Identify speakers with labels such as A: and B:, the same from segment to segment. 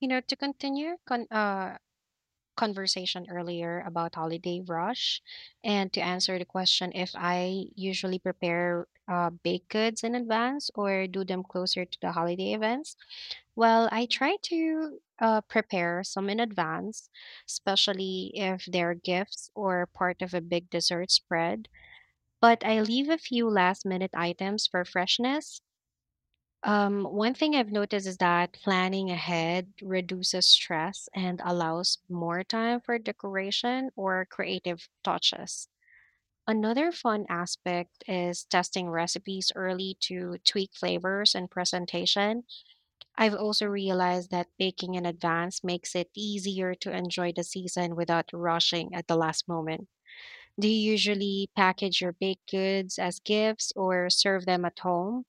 A: To continue conversation earlier about holiday rush, and to answer the question if I usually prepare baked goods in advance or do them closer to the holiday events. Well, I try to prepare some in advance, especially if they're gifts or part of a big dessert spread. But I leave a few last minute items for freshness. One thing I've noticed is that planning ahead reduces stress and allows more time for decoration or creative touches. Another fun aspect is testing recipes early to tweak flavors and presentation. I've also realized that baking in advance makes it easier to enjoy the season without rushing at the last moment. Do you usually package your baked goods as gifts or serve them at home?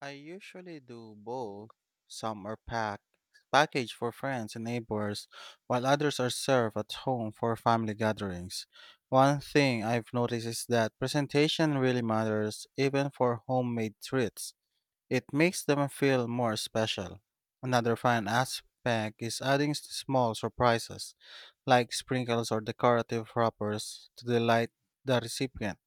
B: I usually do both. Some are packed, packaged for friends and neighbors, while others are served at home for family gatherings. One thing I've noticed is that presentation really matters even for homemade treats. It makes them feel more special. Another fun aspect is adding small surprises, like sprinkles or decorative wrappers, to delight the recipient.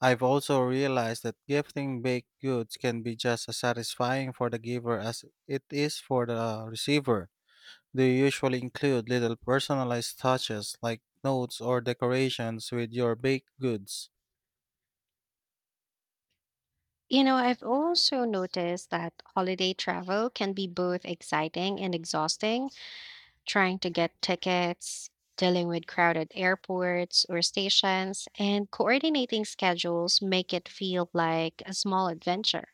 B: I've also realized that gifting baked goods can be just as satisfying for the giver as it is for the receiver. Do you usually include little personalized touches like notes or decorations with your baked goods?
A: I've also noticed that holiday travel can be both exciting and exhausting, trying to get tickets, dealing with crowded airports or stations, and coordinating schedules make it feel like a small adventure.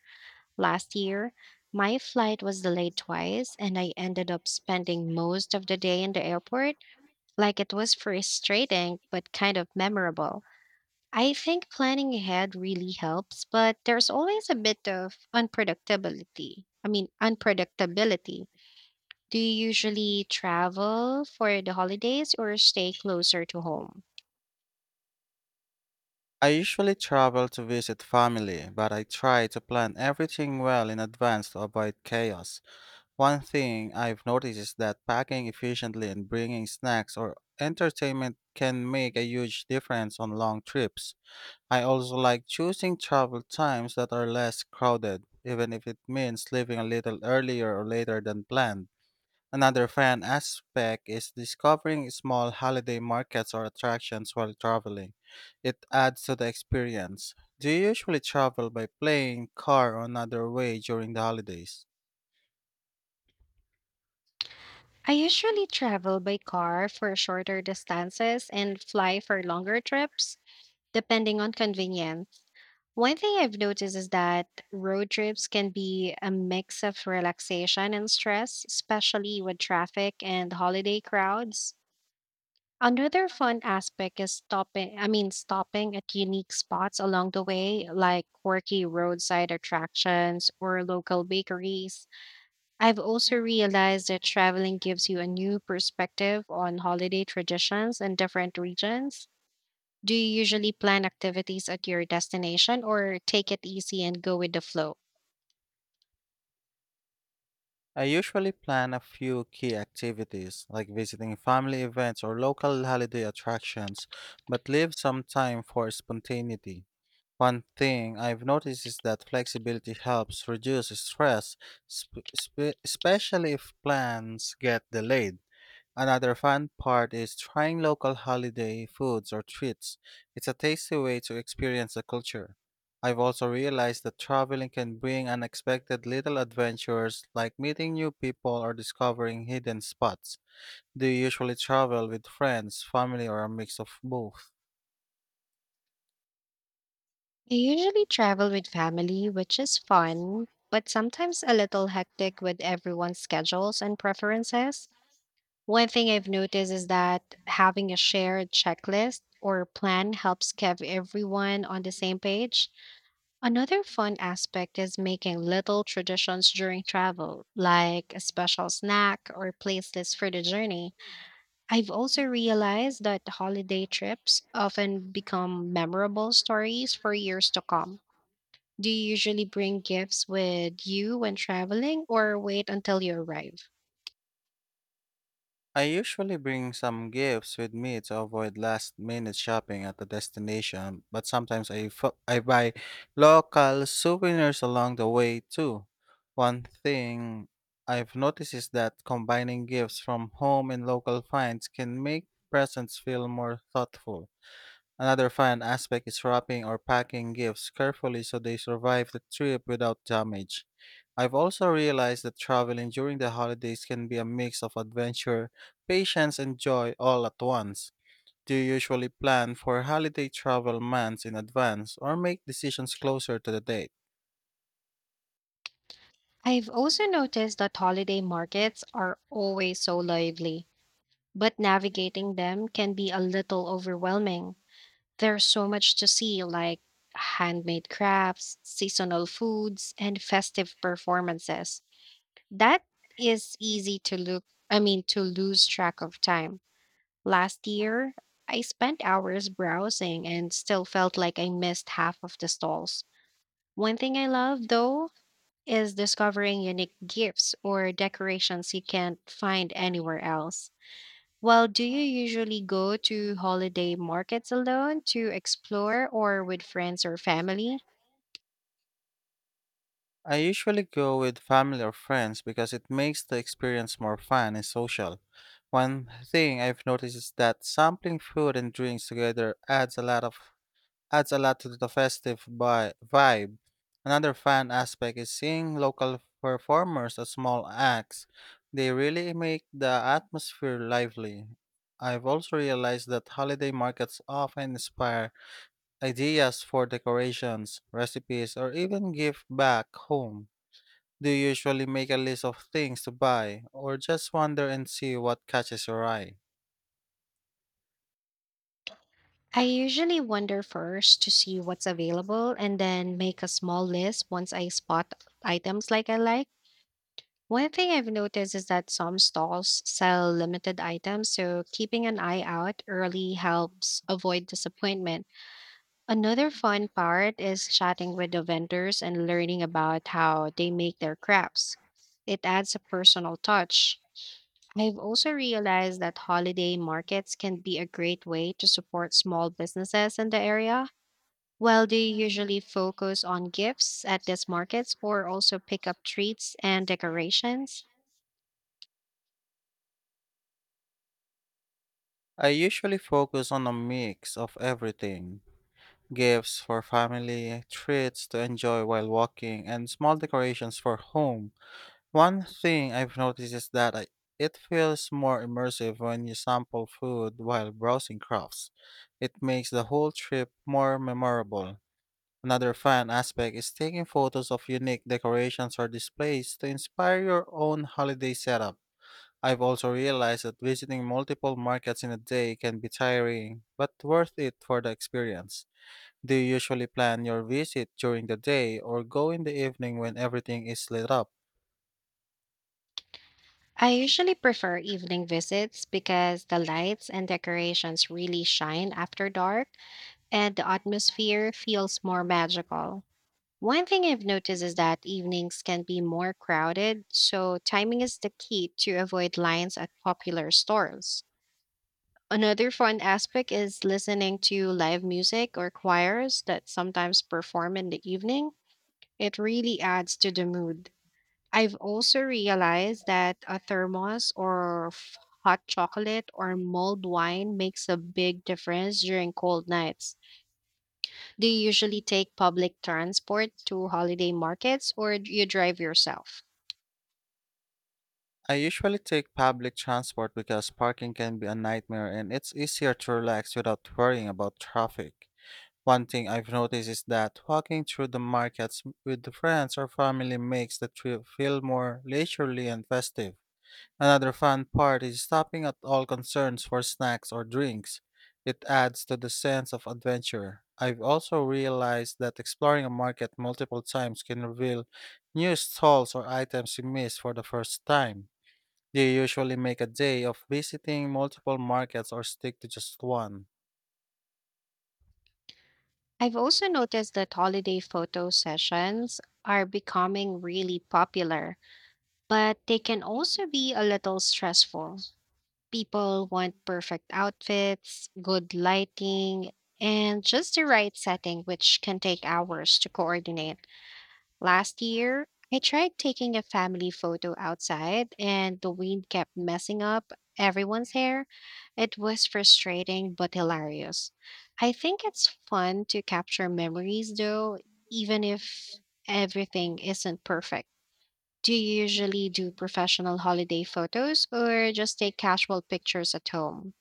A: Last year, my flight was delayed twice, and I ended up spending most of the day in the airport. Like, it was frustrating, but kind of memorable. I think planning ahead really helps, but there's always a bit of unpredictability. I mean, unpredictability. Do you usually travel for the holidays or stay closer to home?
B: I usually travel to visit family, but I try to plan everything well in advance to avoid chaos. One thing I've noticed is that packing efficiently and bringing snacks or entertainment can make a huge difference on long trips. I also like choosing travel times that are less crowded, even if it means leaving a little earlier or later than planned. Another fun aspect is discovering small holiday markets or attractions while traveling. It adds to the experience. Do you usually travel by plane, car, or another way during the holidays?
A: I usually travel by car for shorter distances and fly for longer trips, depending on convenience. One thing I've noticed is that road trips can be a mix of relaxation and stress, especially with traffic and holiday crowds. Another fun aspect is stopping at unique spots along the way, like quirky roadside attractions or local bakeries. I've also realized that traveling gives you a new perspective on holiday traditions in different regions. Do you usually plan activities at your destination or take it easy and go with the flow?
B: I usually plan a few key activities, like visiting family events or local holiday attractions, but leave some time for spontaneity. One thing I've noticed is that flexibility helps reduce stress, especially if plans get delayed. Another fun part is trying local holiday foods or treats. It's a tasty way to experience the culture. I've also realized that traveling can bring unexpected little adventures like meeting new people or discovering hidden spots. Do you usually travel with friends, family, or a mix of both?
A: I usually travel with family, which is fun, but sometimes a little hectic with everyone's schedules and preferences. One thing I've noticed is that having a shared checklist or plan helps keep everyone on the same page. Another fun aspect is making little traditions during travel, like a special snack or playlist for the journey. I've also realized that holiday trips often become memorable stories for years to come. Do you usually bring gifts with you when traveling or wait until you arrive?
B: I usually bring some gifts with me to avoid last minute shopping at the destination, but sometimes I buy local souvenirs along the way too. One thing I've noticed is that combining gifts from home and local finds can make presents feel more thoughtful. Another fun aspect is wrapping or packing gifts carefully so they survive the trip without damage. I've also realized that traveling during the holidays can be a mix of adventure, patience, and joy all at once. Do you usually plan for holiday travel months in advance or make decisions closer to the date?
A: I've also noticed that holiday markets are always so lively, but navigating them can be a little overwhelming. There's so much to see, like handmade crafts, seasonal foods, and festive performances. That is easy to to lose track of time. Last year, I spent hours browsing and still felt like I missed half of the stalls. One thing I love, though, is discovering unique gifts or decorations you can't find anywhere else. Well, do you usually go to holiday markets alone to explore or with friends or family?
B: I usually go with family or friends because it makes the experience more fun and social. One thing I've noticed is that sampling food and drinks together adds a lot to the festive vibe. Another fun aspect is seeing local performers at small acts. They really make the atmosphere lively. I've also realized that holiday markets often inspire ideas for decorations, recipes, or even gift back home. Do you usually make a list of things to buy, or just wander and see what catches your eye?
A: I usually wander first to see what's available and then make a small list once I spot items like I like. One thing I've noticed is that some stalls sell limited items, so keeping an eye out early helps avoid disappointment. Another fun part is chatting with the vendors and learning about how they make their crafts. It adds a personal touch. I've also realized that holiday markets can be a great way to support small businesses in the area. While they usually focus on gifts at these markets or also pick up treats and decorations,
B: I usually focus on a mix of everything: gifts for family, treats to enjoy while walking, and small decorations for home. One thing I've noticed is that it feels more immersive when you sample food while browsing crafts. It makes the whole trip more memorable. Another fun aspect is taking photos of unique decorations or displays to inspire your own holiday setup. I've also realized that visiting multiple markets in a day can be tiring, but worth it for the experience. Do you usually plan your visit during the day or go in the evening when everything is lit up?
A: I usually prefer evening visits because the lights and decorations really shine after dark, and the atmosphere feels more magical. One thing I've noticed is that evenings can be more crowded, so timing is the key to avoid lines at popular stores. Another fun aspect is listening to live music or choirs that sometimes perform in the evening. It really adds to the mood. I've also realized that a thermos or hot chocolate or mulled wine makes a big difference during cold nights. Do you usually take public transport to holiday markets or do you drive yourself?
B: I usually take public transport because parking can be a nightmare and it's easier to relax without worrying about traffic. One thing I've noticed is that walking through the markets with friends or family makes the trip feel more leisurely and festive. Another fun part is stopping at all concerns for snacks or drinks. It adds to the sense of adventure. I've also realized that exploring a market multiple times can reveal new stalls or items you miss for the first time. Do you usually make a day of visiting multiple markets or stick to just one?
A: I've also noticed that holiday photo sessions are becoming really popular, but they can also be a little stressful. People want perfect outfits, good lighting, and just the right setting, which can take hours to coordinate. Last year, I tried taking a family photo outside and the wind kept messing up everyone's hair. It was frustrating but hilarious. I think it's fun to capture memories though, even if everything isn't perfect. Do you usually do professional holiday photos or just take casual pictures at home?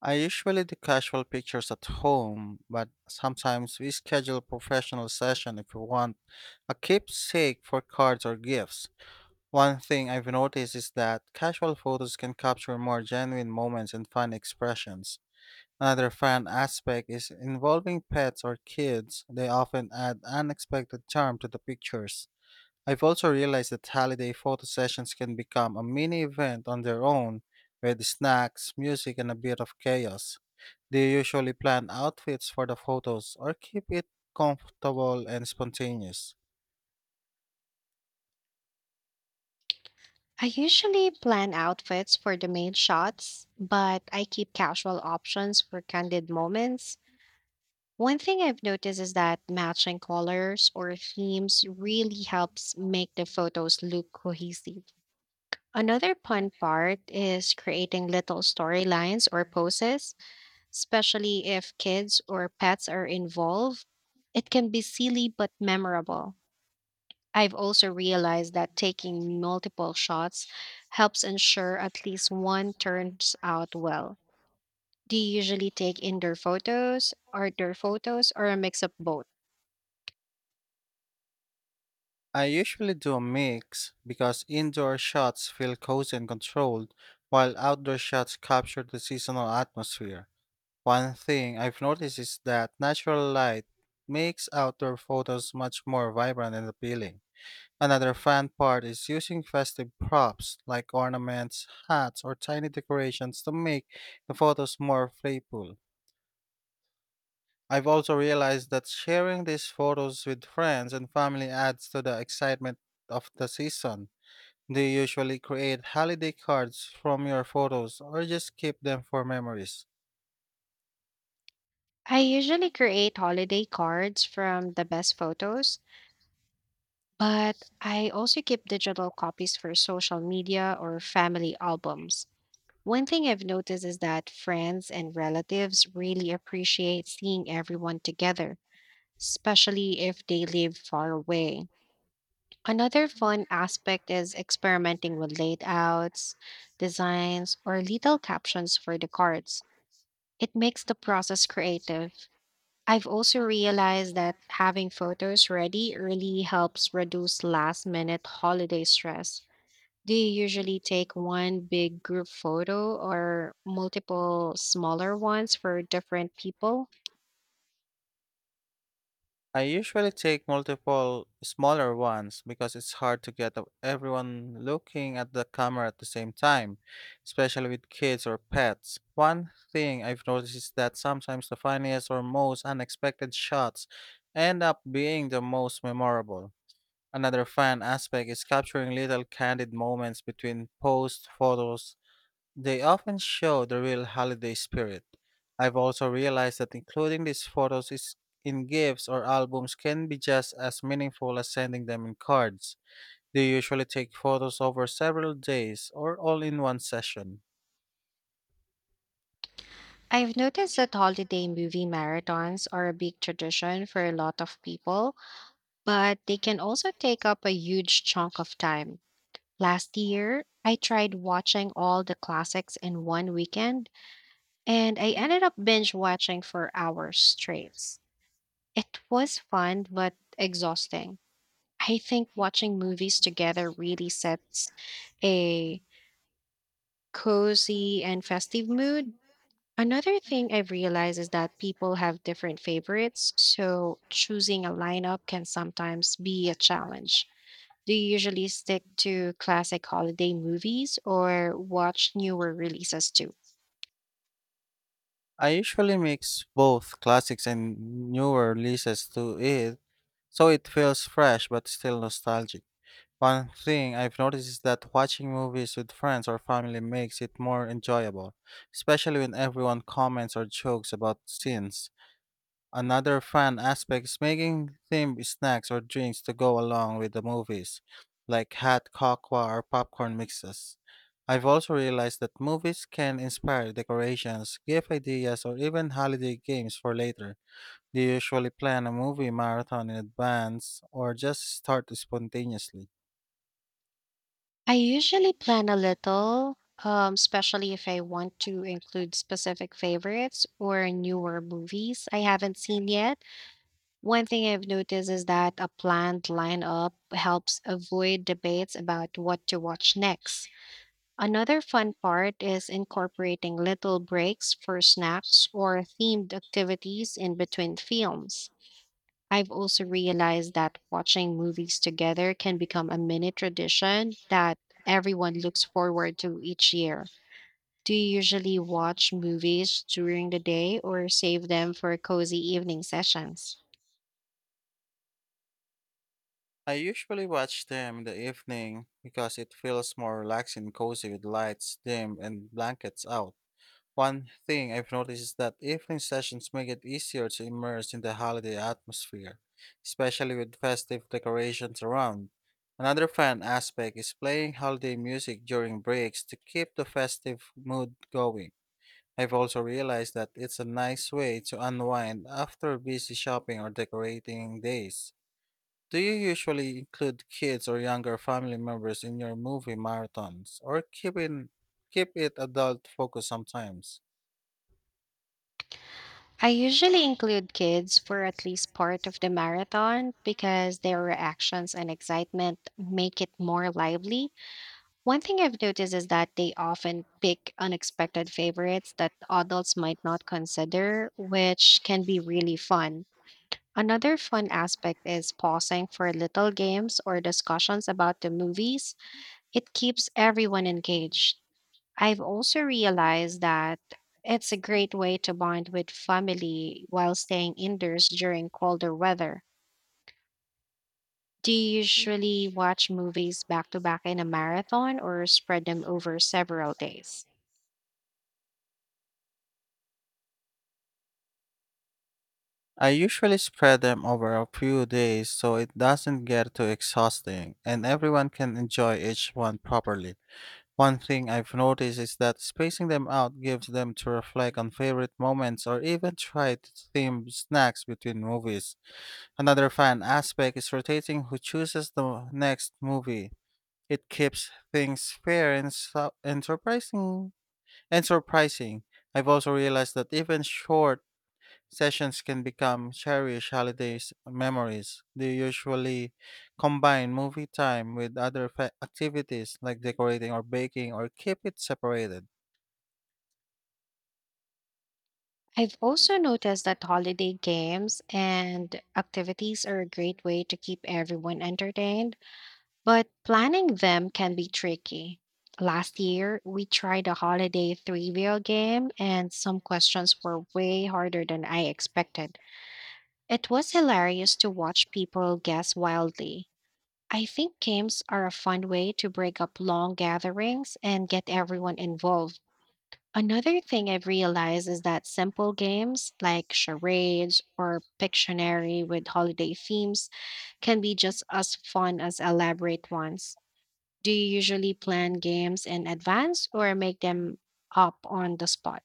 B: I usually do casual pictures at home, but sometimes we schedule a professional session if we want a keepsake for cards or gifts. One thing I've noticed is that casual photos can capture more genuine moments and fun expressions. Another fun aspect is involving pets or kids. They often add unexpected charm to the pictures. I've also realized that holiday photo sessions can become a mini event on their own, with snacks, music, and a bit of chaos. Do you usually plan outfits for the photos or keep it comfortable and spontaneous?
A: I usually plan outfits for the main shots, but I keep casual options for candid moments. One thing I've noticed is that matching colors or themes really helps make the photos look cohesive. Another fun part is creating little storylines or poses, especially if kids or pets are involved. It can be silly but memorable. I've also realized that taking multiple shots helps ensure at least one turns out well. Do you usually take indoor photos, outdoor photos, or a mix of both?
B: I usually do a mix because indoor shots feel cozy and controlled, while outdoor shots capture the seasonal atmosphere. One thing I've noticed is that natural light makes outdoor photos much more vibrant and appealing. Another fun part is using festive props like ornaments, hats, or tiny decorations to make the photos more playful. I've also realized that sharing these photos with friends and family adds to the excitement of the season. Do you usually create holiday cards from your photos or just keep them for memories?
A: I usually create holiday cards from the best photos, but I also keep digital copies for social media or family albums. One thing I've noticed is that friends and relatives really appreciate seeing everyone together, especially if they live far away. Another fun aspect is experimenting with layouts, designs, or little captions for the cards. It makes the process creative. I've also realized that having photos ready really helps reduce last minute holiday stress. Do you usually take one big group photo or multiple smaller ones for different people?
B: I usually take multiple smaller ones because it's hard to get everyone looking at the camera at the same time, especially with kids or pets. One thing I've noticed is that sometimes the funniest or most unexpected shots end up being the most memorable. Another fun aspect is capturing little candid moments between post photos. They often show the real holiday spirit. I've also realized that including these photos is in gifts or albums can be just as meaningful as sending them in cards. They usually take photos over several days or all in one session.
A: I've noticed that holiday movie marathons are a big tradition for a lot of people, but they can also take up a huge chunk of time. Last year, I tried watching all the classics in one weekend and I ended up binge watching for hours straight. It was fun, but exhausting. I think watching movies together really sets a cozy and festive mood. Another thing I've realized is that people have different favorites, so choosing a lineup can sometimes be a challenge. Do you usually stick to classic holiday movies or watch newer releases too?
B: I usually mix both classics and newer releases to it, so it feels fresh but still nostalgic. One thing I've noticed is that watching movies with friends or family makes it more enjoyable, especially when everyone comments or jokes about scenes. Another fun aspect is making themed snacks or drinks to go along with the movies, like hot cocoa or popcorn mixes. I've also realized that movies can inspire decorations, gift ideas, or even holiday games for later. Do you usually plan a movie marathon in advance or just start spontaneously?
A: I usually plan a little, especially if I want to include specific favorites or newer movies I haven't seen yet. One thing I've noticed is that a planned lineup helps avoid debates about what to watch next. Another fun part is incorporating little breaks for snacks or themed activities in between films. I've also realized that watching movies together can become a mini tradition that everyone looks forward to each year. Do you usually watch movies during the day or save them for cozy evening sessions?
B: I usually watch them in the evening because it feels more relaxing and cozy with lights dim and blankets out. One thing I've noticed is that evening sessions make it easier to immerse in the holiday atmosphere, especially with festive decorations around. Another fun aspect is playing holiday music during breaks to keep the festive mood going. I've also realized that it's a nice way to unwind after busy shopping or decorating days. Do you usually include kids or younger family members in your movie marathons, or keep it adult focused sometimes?
A: I usually include kids for at least part of the marathon because their reactions and excitement make it more lively. One thing I've noticed is that they often pick unexpected favorites that adults might not consider, which can be really fun. Another fun aspect is pausing for little games or discussions about the movies. It keeps everyone engaged. I've also realized that it's a great way to bond with family while staying indoors during colder weather. Do you usually watch movies back to back in a marathon or spread them over several days?
B: I usually spread them over a few days so it doesn't get too exhausting and everyone can enjoy each one properly. One thing I've noticed is that spacing them out gives them to reflect on favorite moments or even try to theme snacks between movies. Another fun aspect is rotating who chooses the next movie. It keeps things fair and surprising. I've also realized that even short sessions can become cherished holidays memories. They usually combine movie time with other activities like decorating or baking or keep it separated.
A: I've also noticed that holiday games and activities are a great way to keep everyone entertained, but planning them can be tricky. Last year, we tried a holiday trivia game, and some questions were way harder than I expected. It was hilarious to watch people guess wildly. I think games are a fun way to break up long gatherings and get everyone involved. Another thing I've realized is that simple games like charades or Pictionary with holiday themes can be just as fun as elaborate ones. Do you usually plan games in advance or make them up on the spot?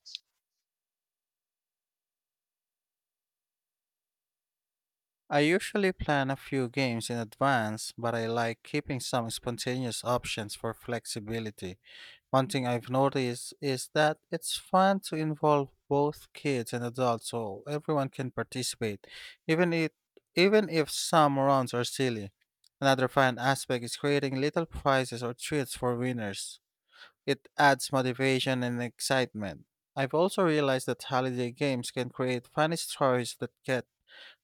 B: I usually plan a few games in advance, but I like keeping some spontaneous options for flexibility. One thing I've noticed is that it's fun to involve both kids and adults so everyone can participate, even if, even if some rounds are silly. Another fun aspect is creating little prizes or treats for winners. It adds motivation and excitement. I've also realized that holiday games can create funny stories that get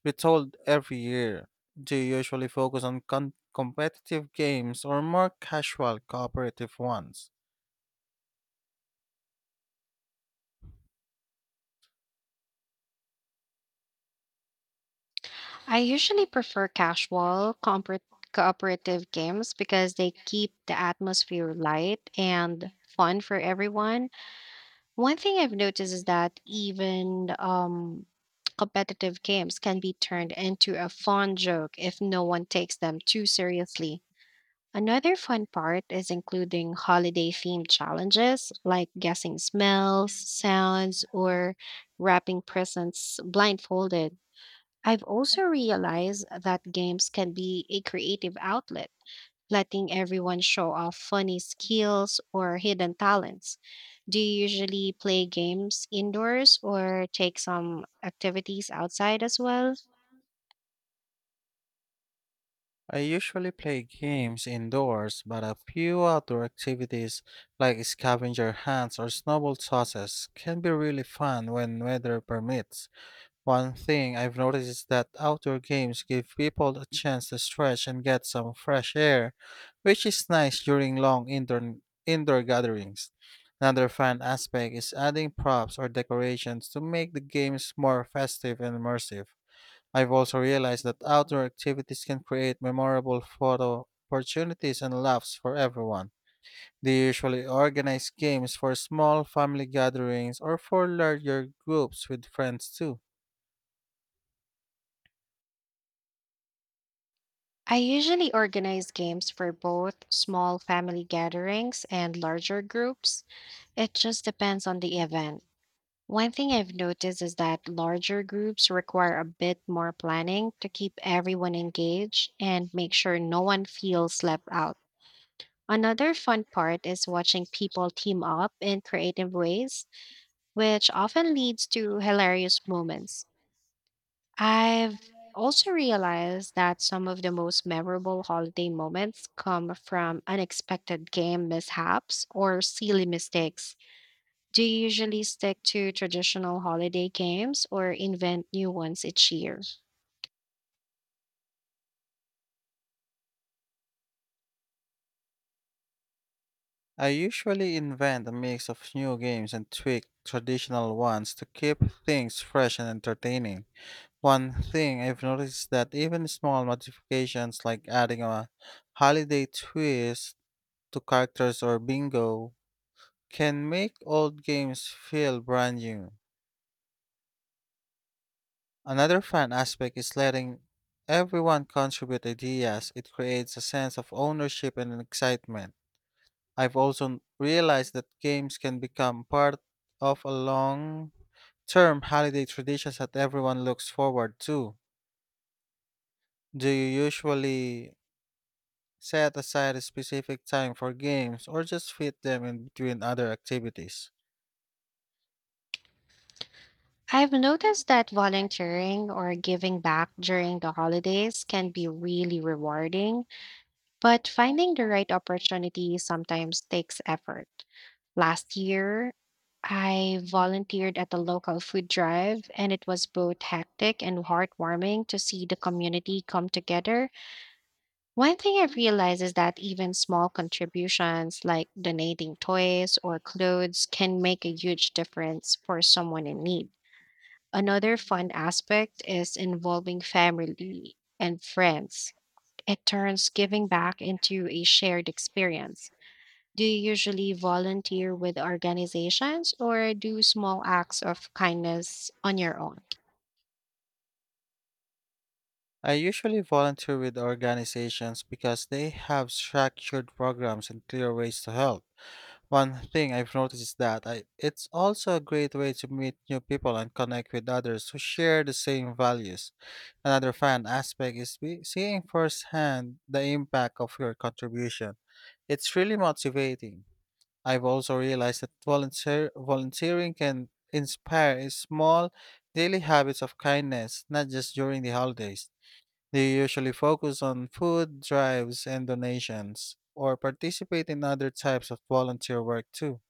B: retold every year. Do you usually focus on competitive games or more casual cooperative ones?
A: I usually prefer casual, cooperative games because they keep the atmosphere light and fun for everyone. One thing I've noticed is that even competitive games can be turned into a fun joke if no one takes them too seriously. Another fun part is including holiday themed challenges like guessing smells, sounds, or wrapping presents blindfolded. I've also realized that games can be a creative outlet, letting everyone show off funny skills or hidden talents. Do you usually play games indoors or take some activities outside as well?
B: I usually play games indoors, but a few outdoor activities like scavenger hunts or snowball tosses can be really fun when weather permits. One thing I've noticed is that outdoor games give people a chance to stretch and get some fresh air, which is nice during indoor gatherings. Another fun aspect is adding props or decorations to make the games more festive and immersive. I've also realized that outdoor activities can create memorable photo opportunities and laughs for everyone. They usually organize games for small family gatherings or for larger groups with friends too.
A: I usually organize games for both small family gatherings and larger groups. It just depends on the event. One thing I've noticed is that larger groups require a bit more planning to keep everyone engaged and make sure no one feels left out. Another fun part is watching people team up in creative ways, which often leads to hilarious moments. I've also realized that some of the most memorable holiday moments come from unexpected game mishaps or silly mistakes. Do you usually stick to traditional holiday games or invent new ones each year?
B: I usually invent a mix of new games and tweak traditional ones to keep things fresh and entertaining. One thing I've noticed that even small modifications, like adding a holiday twist to characters or bingo, can make old games feel brand new. Another fun aspect is letting everyone contribute ideas. It creates a sense of ownership and excitement. I've also realized that games can become part of a long term holiday traditions that everyone looks forward to. Do you usually set aside a specific time for games or just fit them in between other activities?
A: I've noticed that volunteering or giving back during the holidays can be really rewarding, but finding the right opportunity sometimes takes effort. Last year, I volunteered at a local food drive, and it was both hectic and heartwarming to see the community come together. One thing I've realized is that even small contributions like donating toys or clothes can make a huge difference for someone in need. Another fun aspect is involving family and friends. It turns giving back into a shared experience. Do you usually volunteer with organizations or do small acts of kindness on your own?
B: I usually volunteer with organizations because they have structured programs and clear ways to help. One thing I've noticed is that it's also a great way to meet new people and connect with others who share the same values. Another fun aspect is seeing firsthand the impact of your contribution. It's really motivating. I've also realized that volunteering can inspire small daily habits of kindness, not just during the holidays. They usually focus on food drives and donations, or participate in other types of volunteer work too.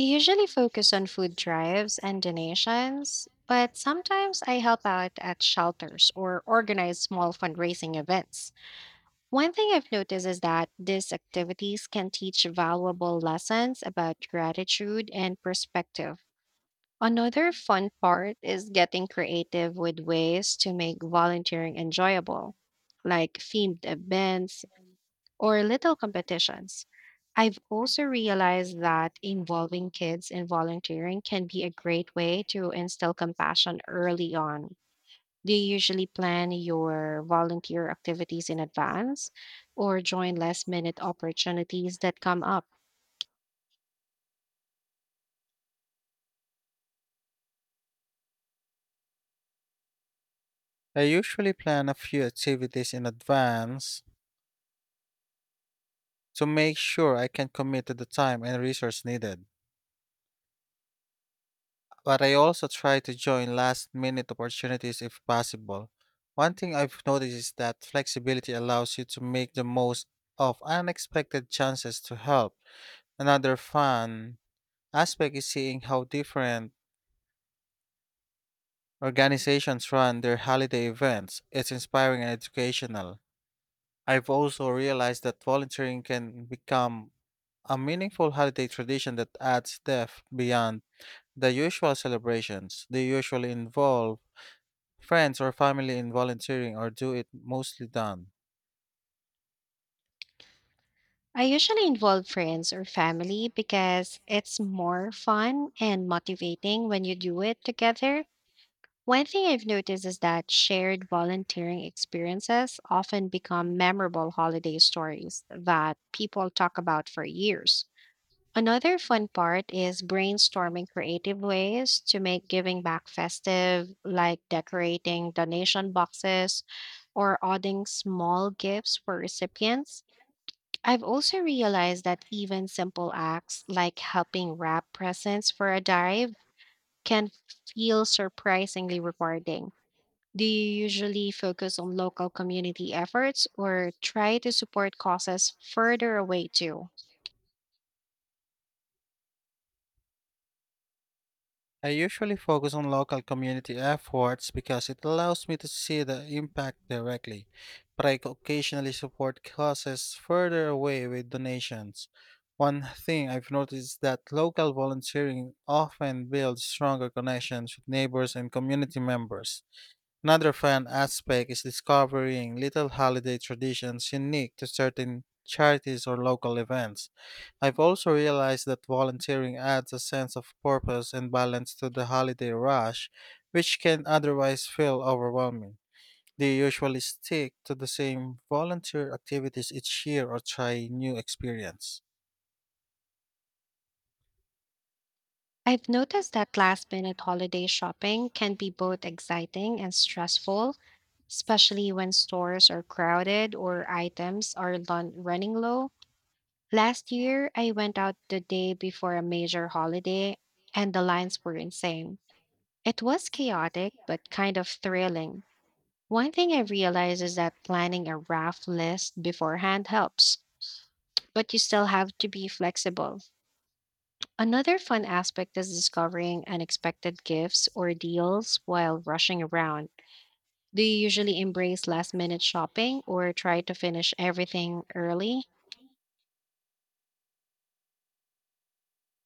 A: I usually focus on food drives and donations, but sometimes I help out at shelters or organize small fundraising events. One thing I've noticed is that these activities can teach valuable lessons about gratitude and perspective. Another fun part is getting creative with ways to make volunteering enjoyable, like themed events, or little competitions. I've also realized that involving kids in volunteering can be a great way to instill compassion early on. Do you usually plan your volunteer activities in advance or join last minute opportunities that come up?
B: I usually plan a few activities in advance to make sure I can commit to the time and resource needed, but I also try to join last minute opportunities if possible. One thing I've noticed is that flexibility allows you to make the most of unexpected chances to help. Another fun aspect is seeing how different organizations run their holiday events. It's inspiring and educational. I've also realized that volunteering can become a meaningful holiday tradition that adds depth beyond the usual celebrations. They usually involve friends or family in volunteering or do it mostly done.
A: I usually involve friends or family because it's more fun and motivating when you do it together. One thing I've noticed is that shared volunteering experiences often become memorable holiday stories that people talk about for years. Another fun part is brainstorming creative ways to make giving back festive, like decorating donation boxes or adding small gifts for recipients. I've also realized that even simple acts like helping wrap presents for a dive can feel surprisingly rewarding. Do you usually focus on local community efforts or try to support causes further away too?
B: I usually focus on local community efforts because it allows me to see the impact directly, but I occasionally support causes further away with donations. One thing I've noticed that local volunteering often builds stronger connections with neighbors and community members. Another fun aspect is discovering little holiday traditions unique to certain charities or local events. I've also realized that volunteering adds a sense of purpose and balance to the holiday rush, which can otherwise feel overwhelming. Do you usually stick to the same volunteer activities each year or try new experience?
A: I've noticed that last minute holiday shopping can be both exciting and stressful, especially when stores are crowded or items are running low. Last year, I went out the day before a major holiday and the lines were insane. It was chaotic, but kind of thrilling. One thing I realized is that planning a rough list beforehand helps, but you still have to be flexible. Another fun aspect is discovering unexpected gifts or deals while rushing around. Do you usually embrace last minute shopping or try to finish everything early?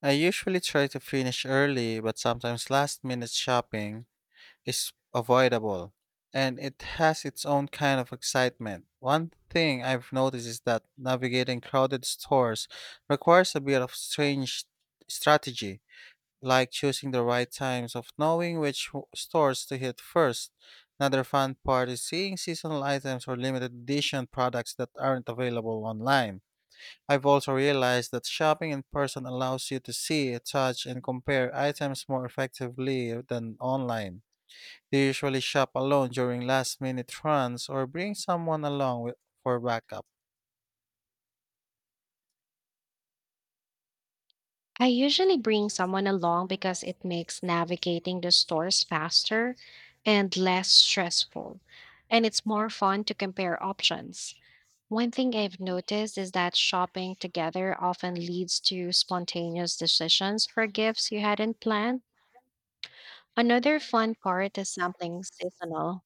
B: I usually try to finish early, but sometimes last minute shopping is avoidable, and it has its own kind of excitement. One thing I've noticed is that navigating crowded stores requires a bit of strange strategy, like choosing the right times of knowing which stores to hit first. Another fun part is seeing seasonal items or limited edition products that aren't available online. I've also realized that shopping in person allows you to see, touch, and compare items more effectively than online. They usually shop alone during last minute runs or bring someone along with, for backup?
A: I usually bring someone along because it makes navigating the stores faster and less stressful, and it's more fun to compare options. One thing I've noticed is that shopping together often leads to spontaneous decisions for gifts you hadn't planned. Another fun part is sampling seasonal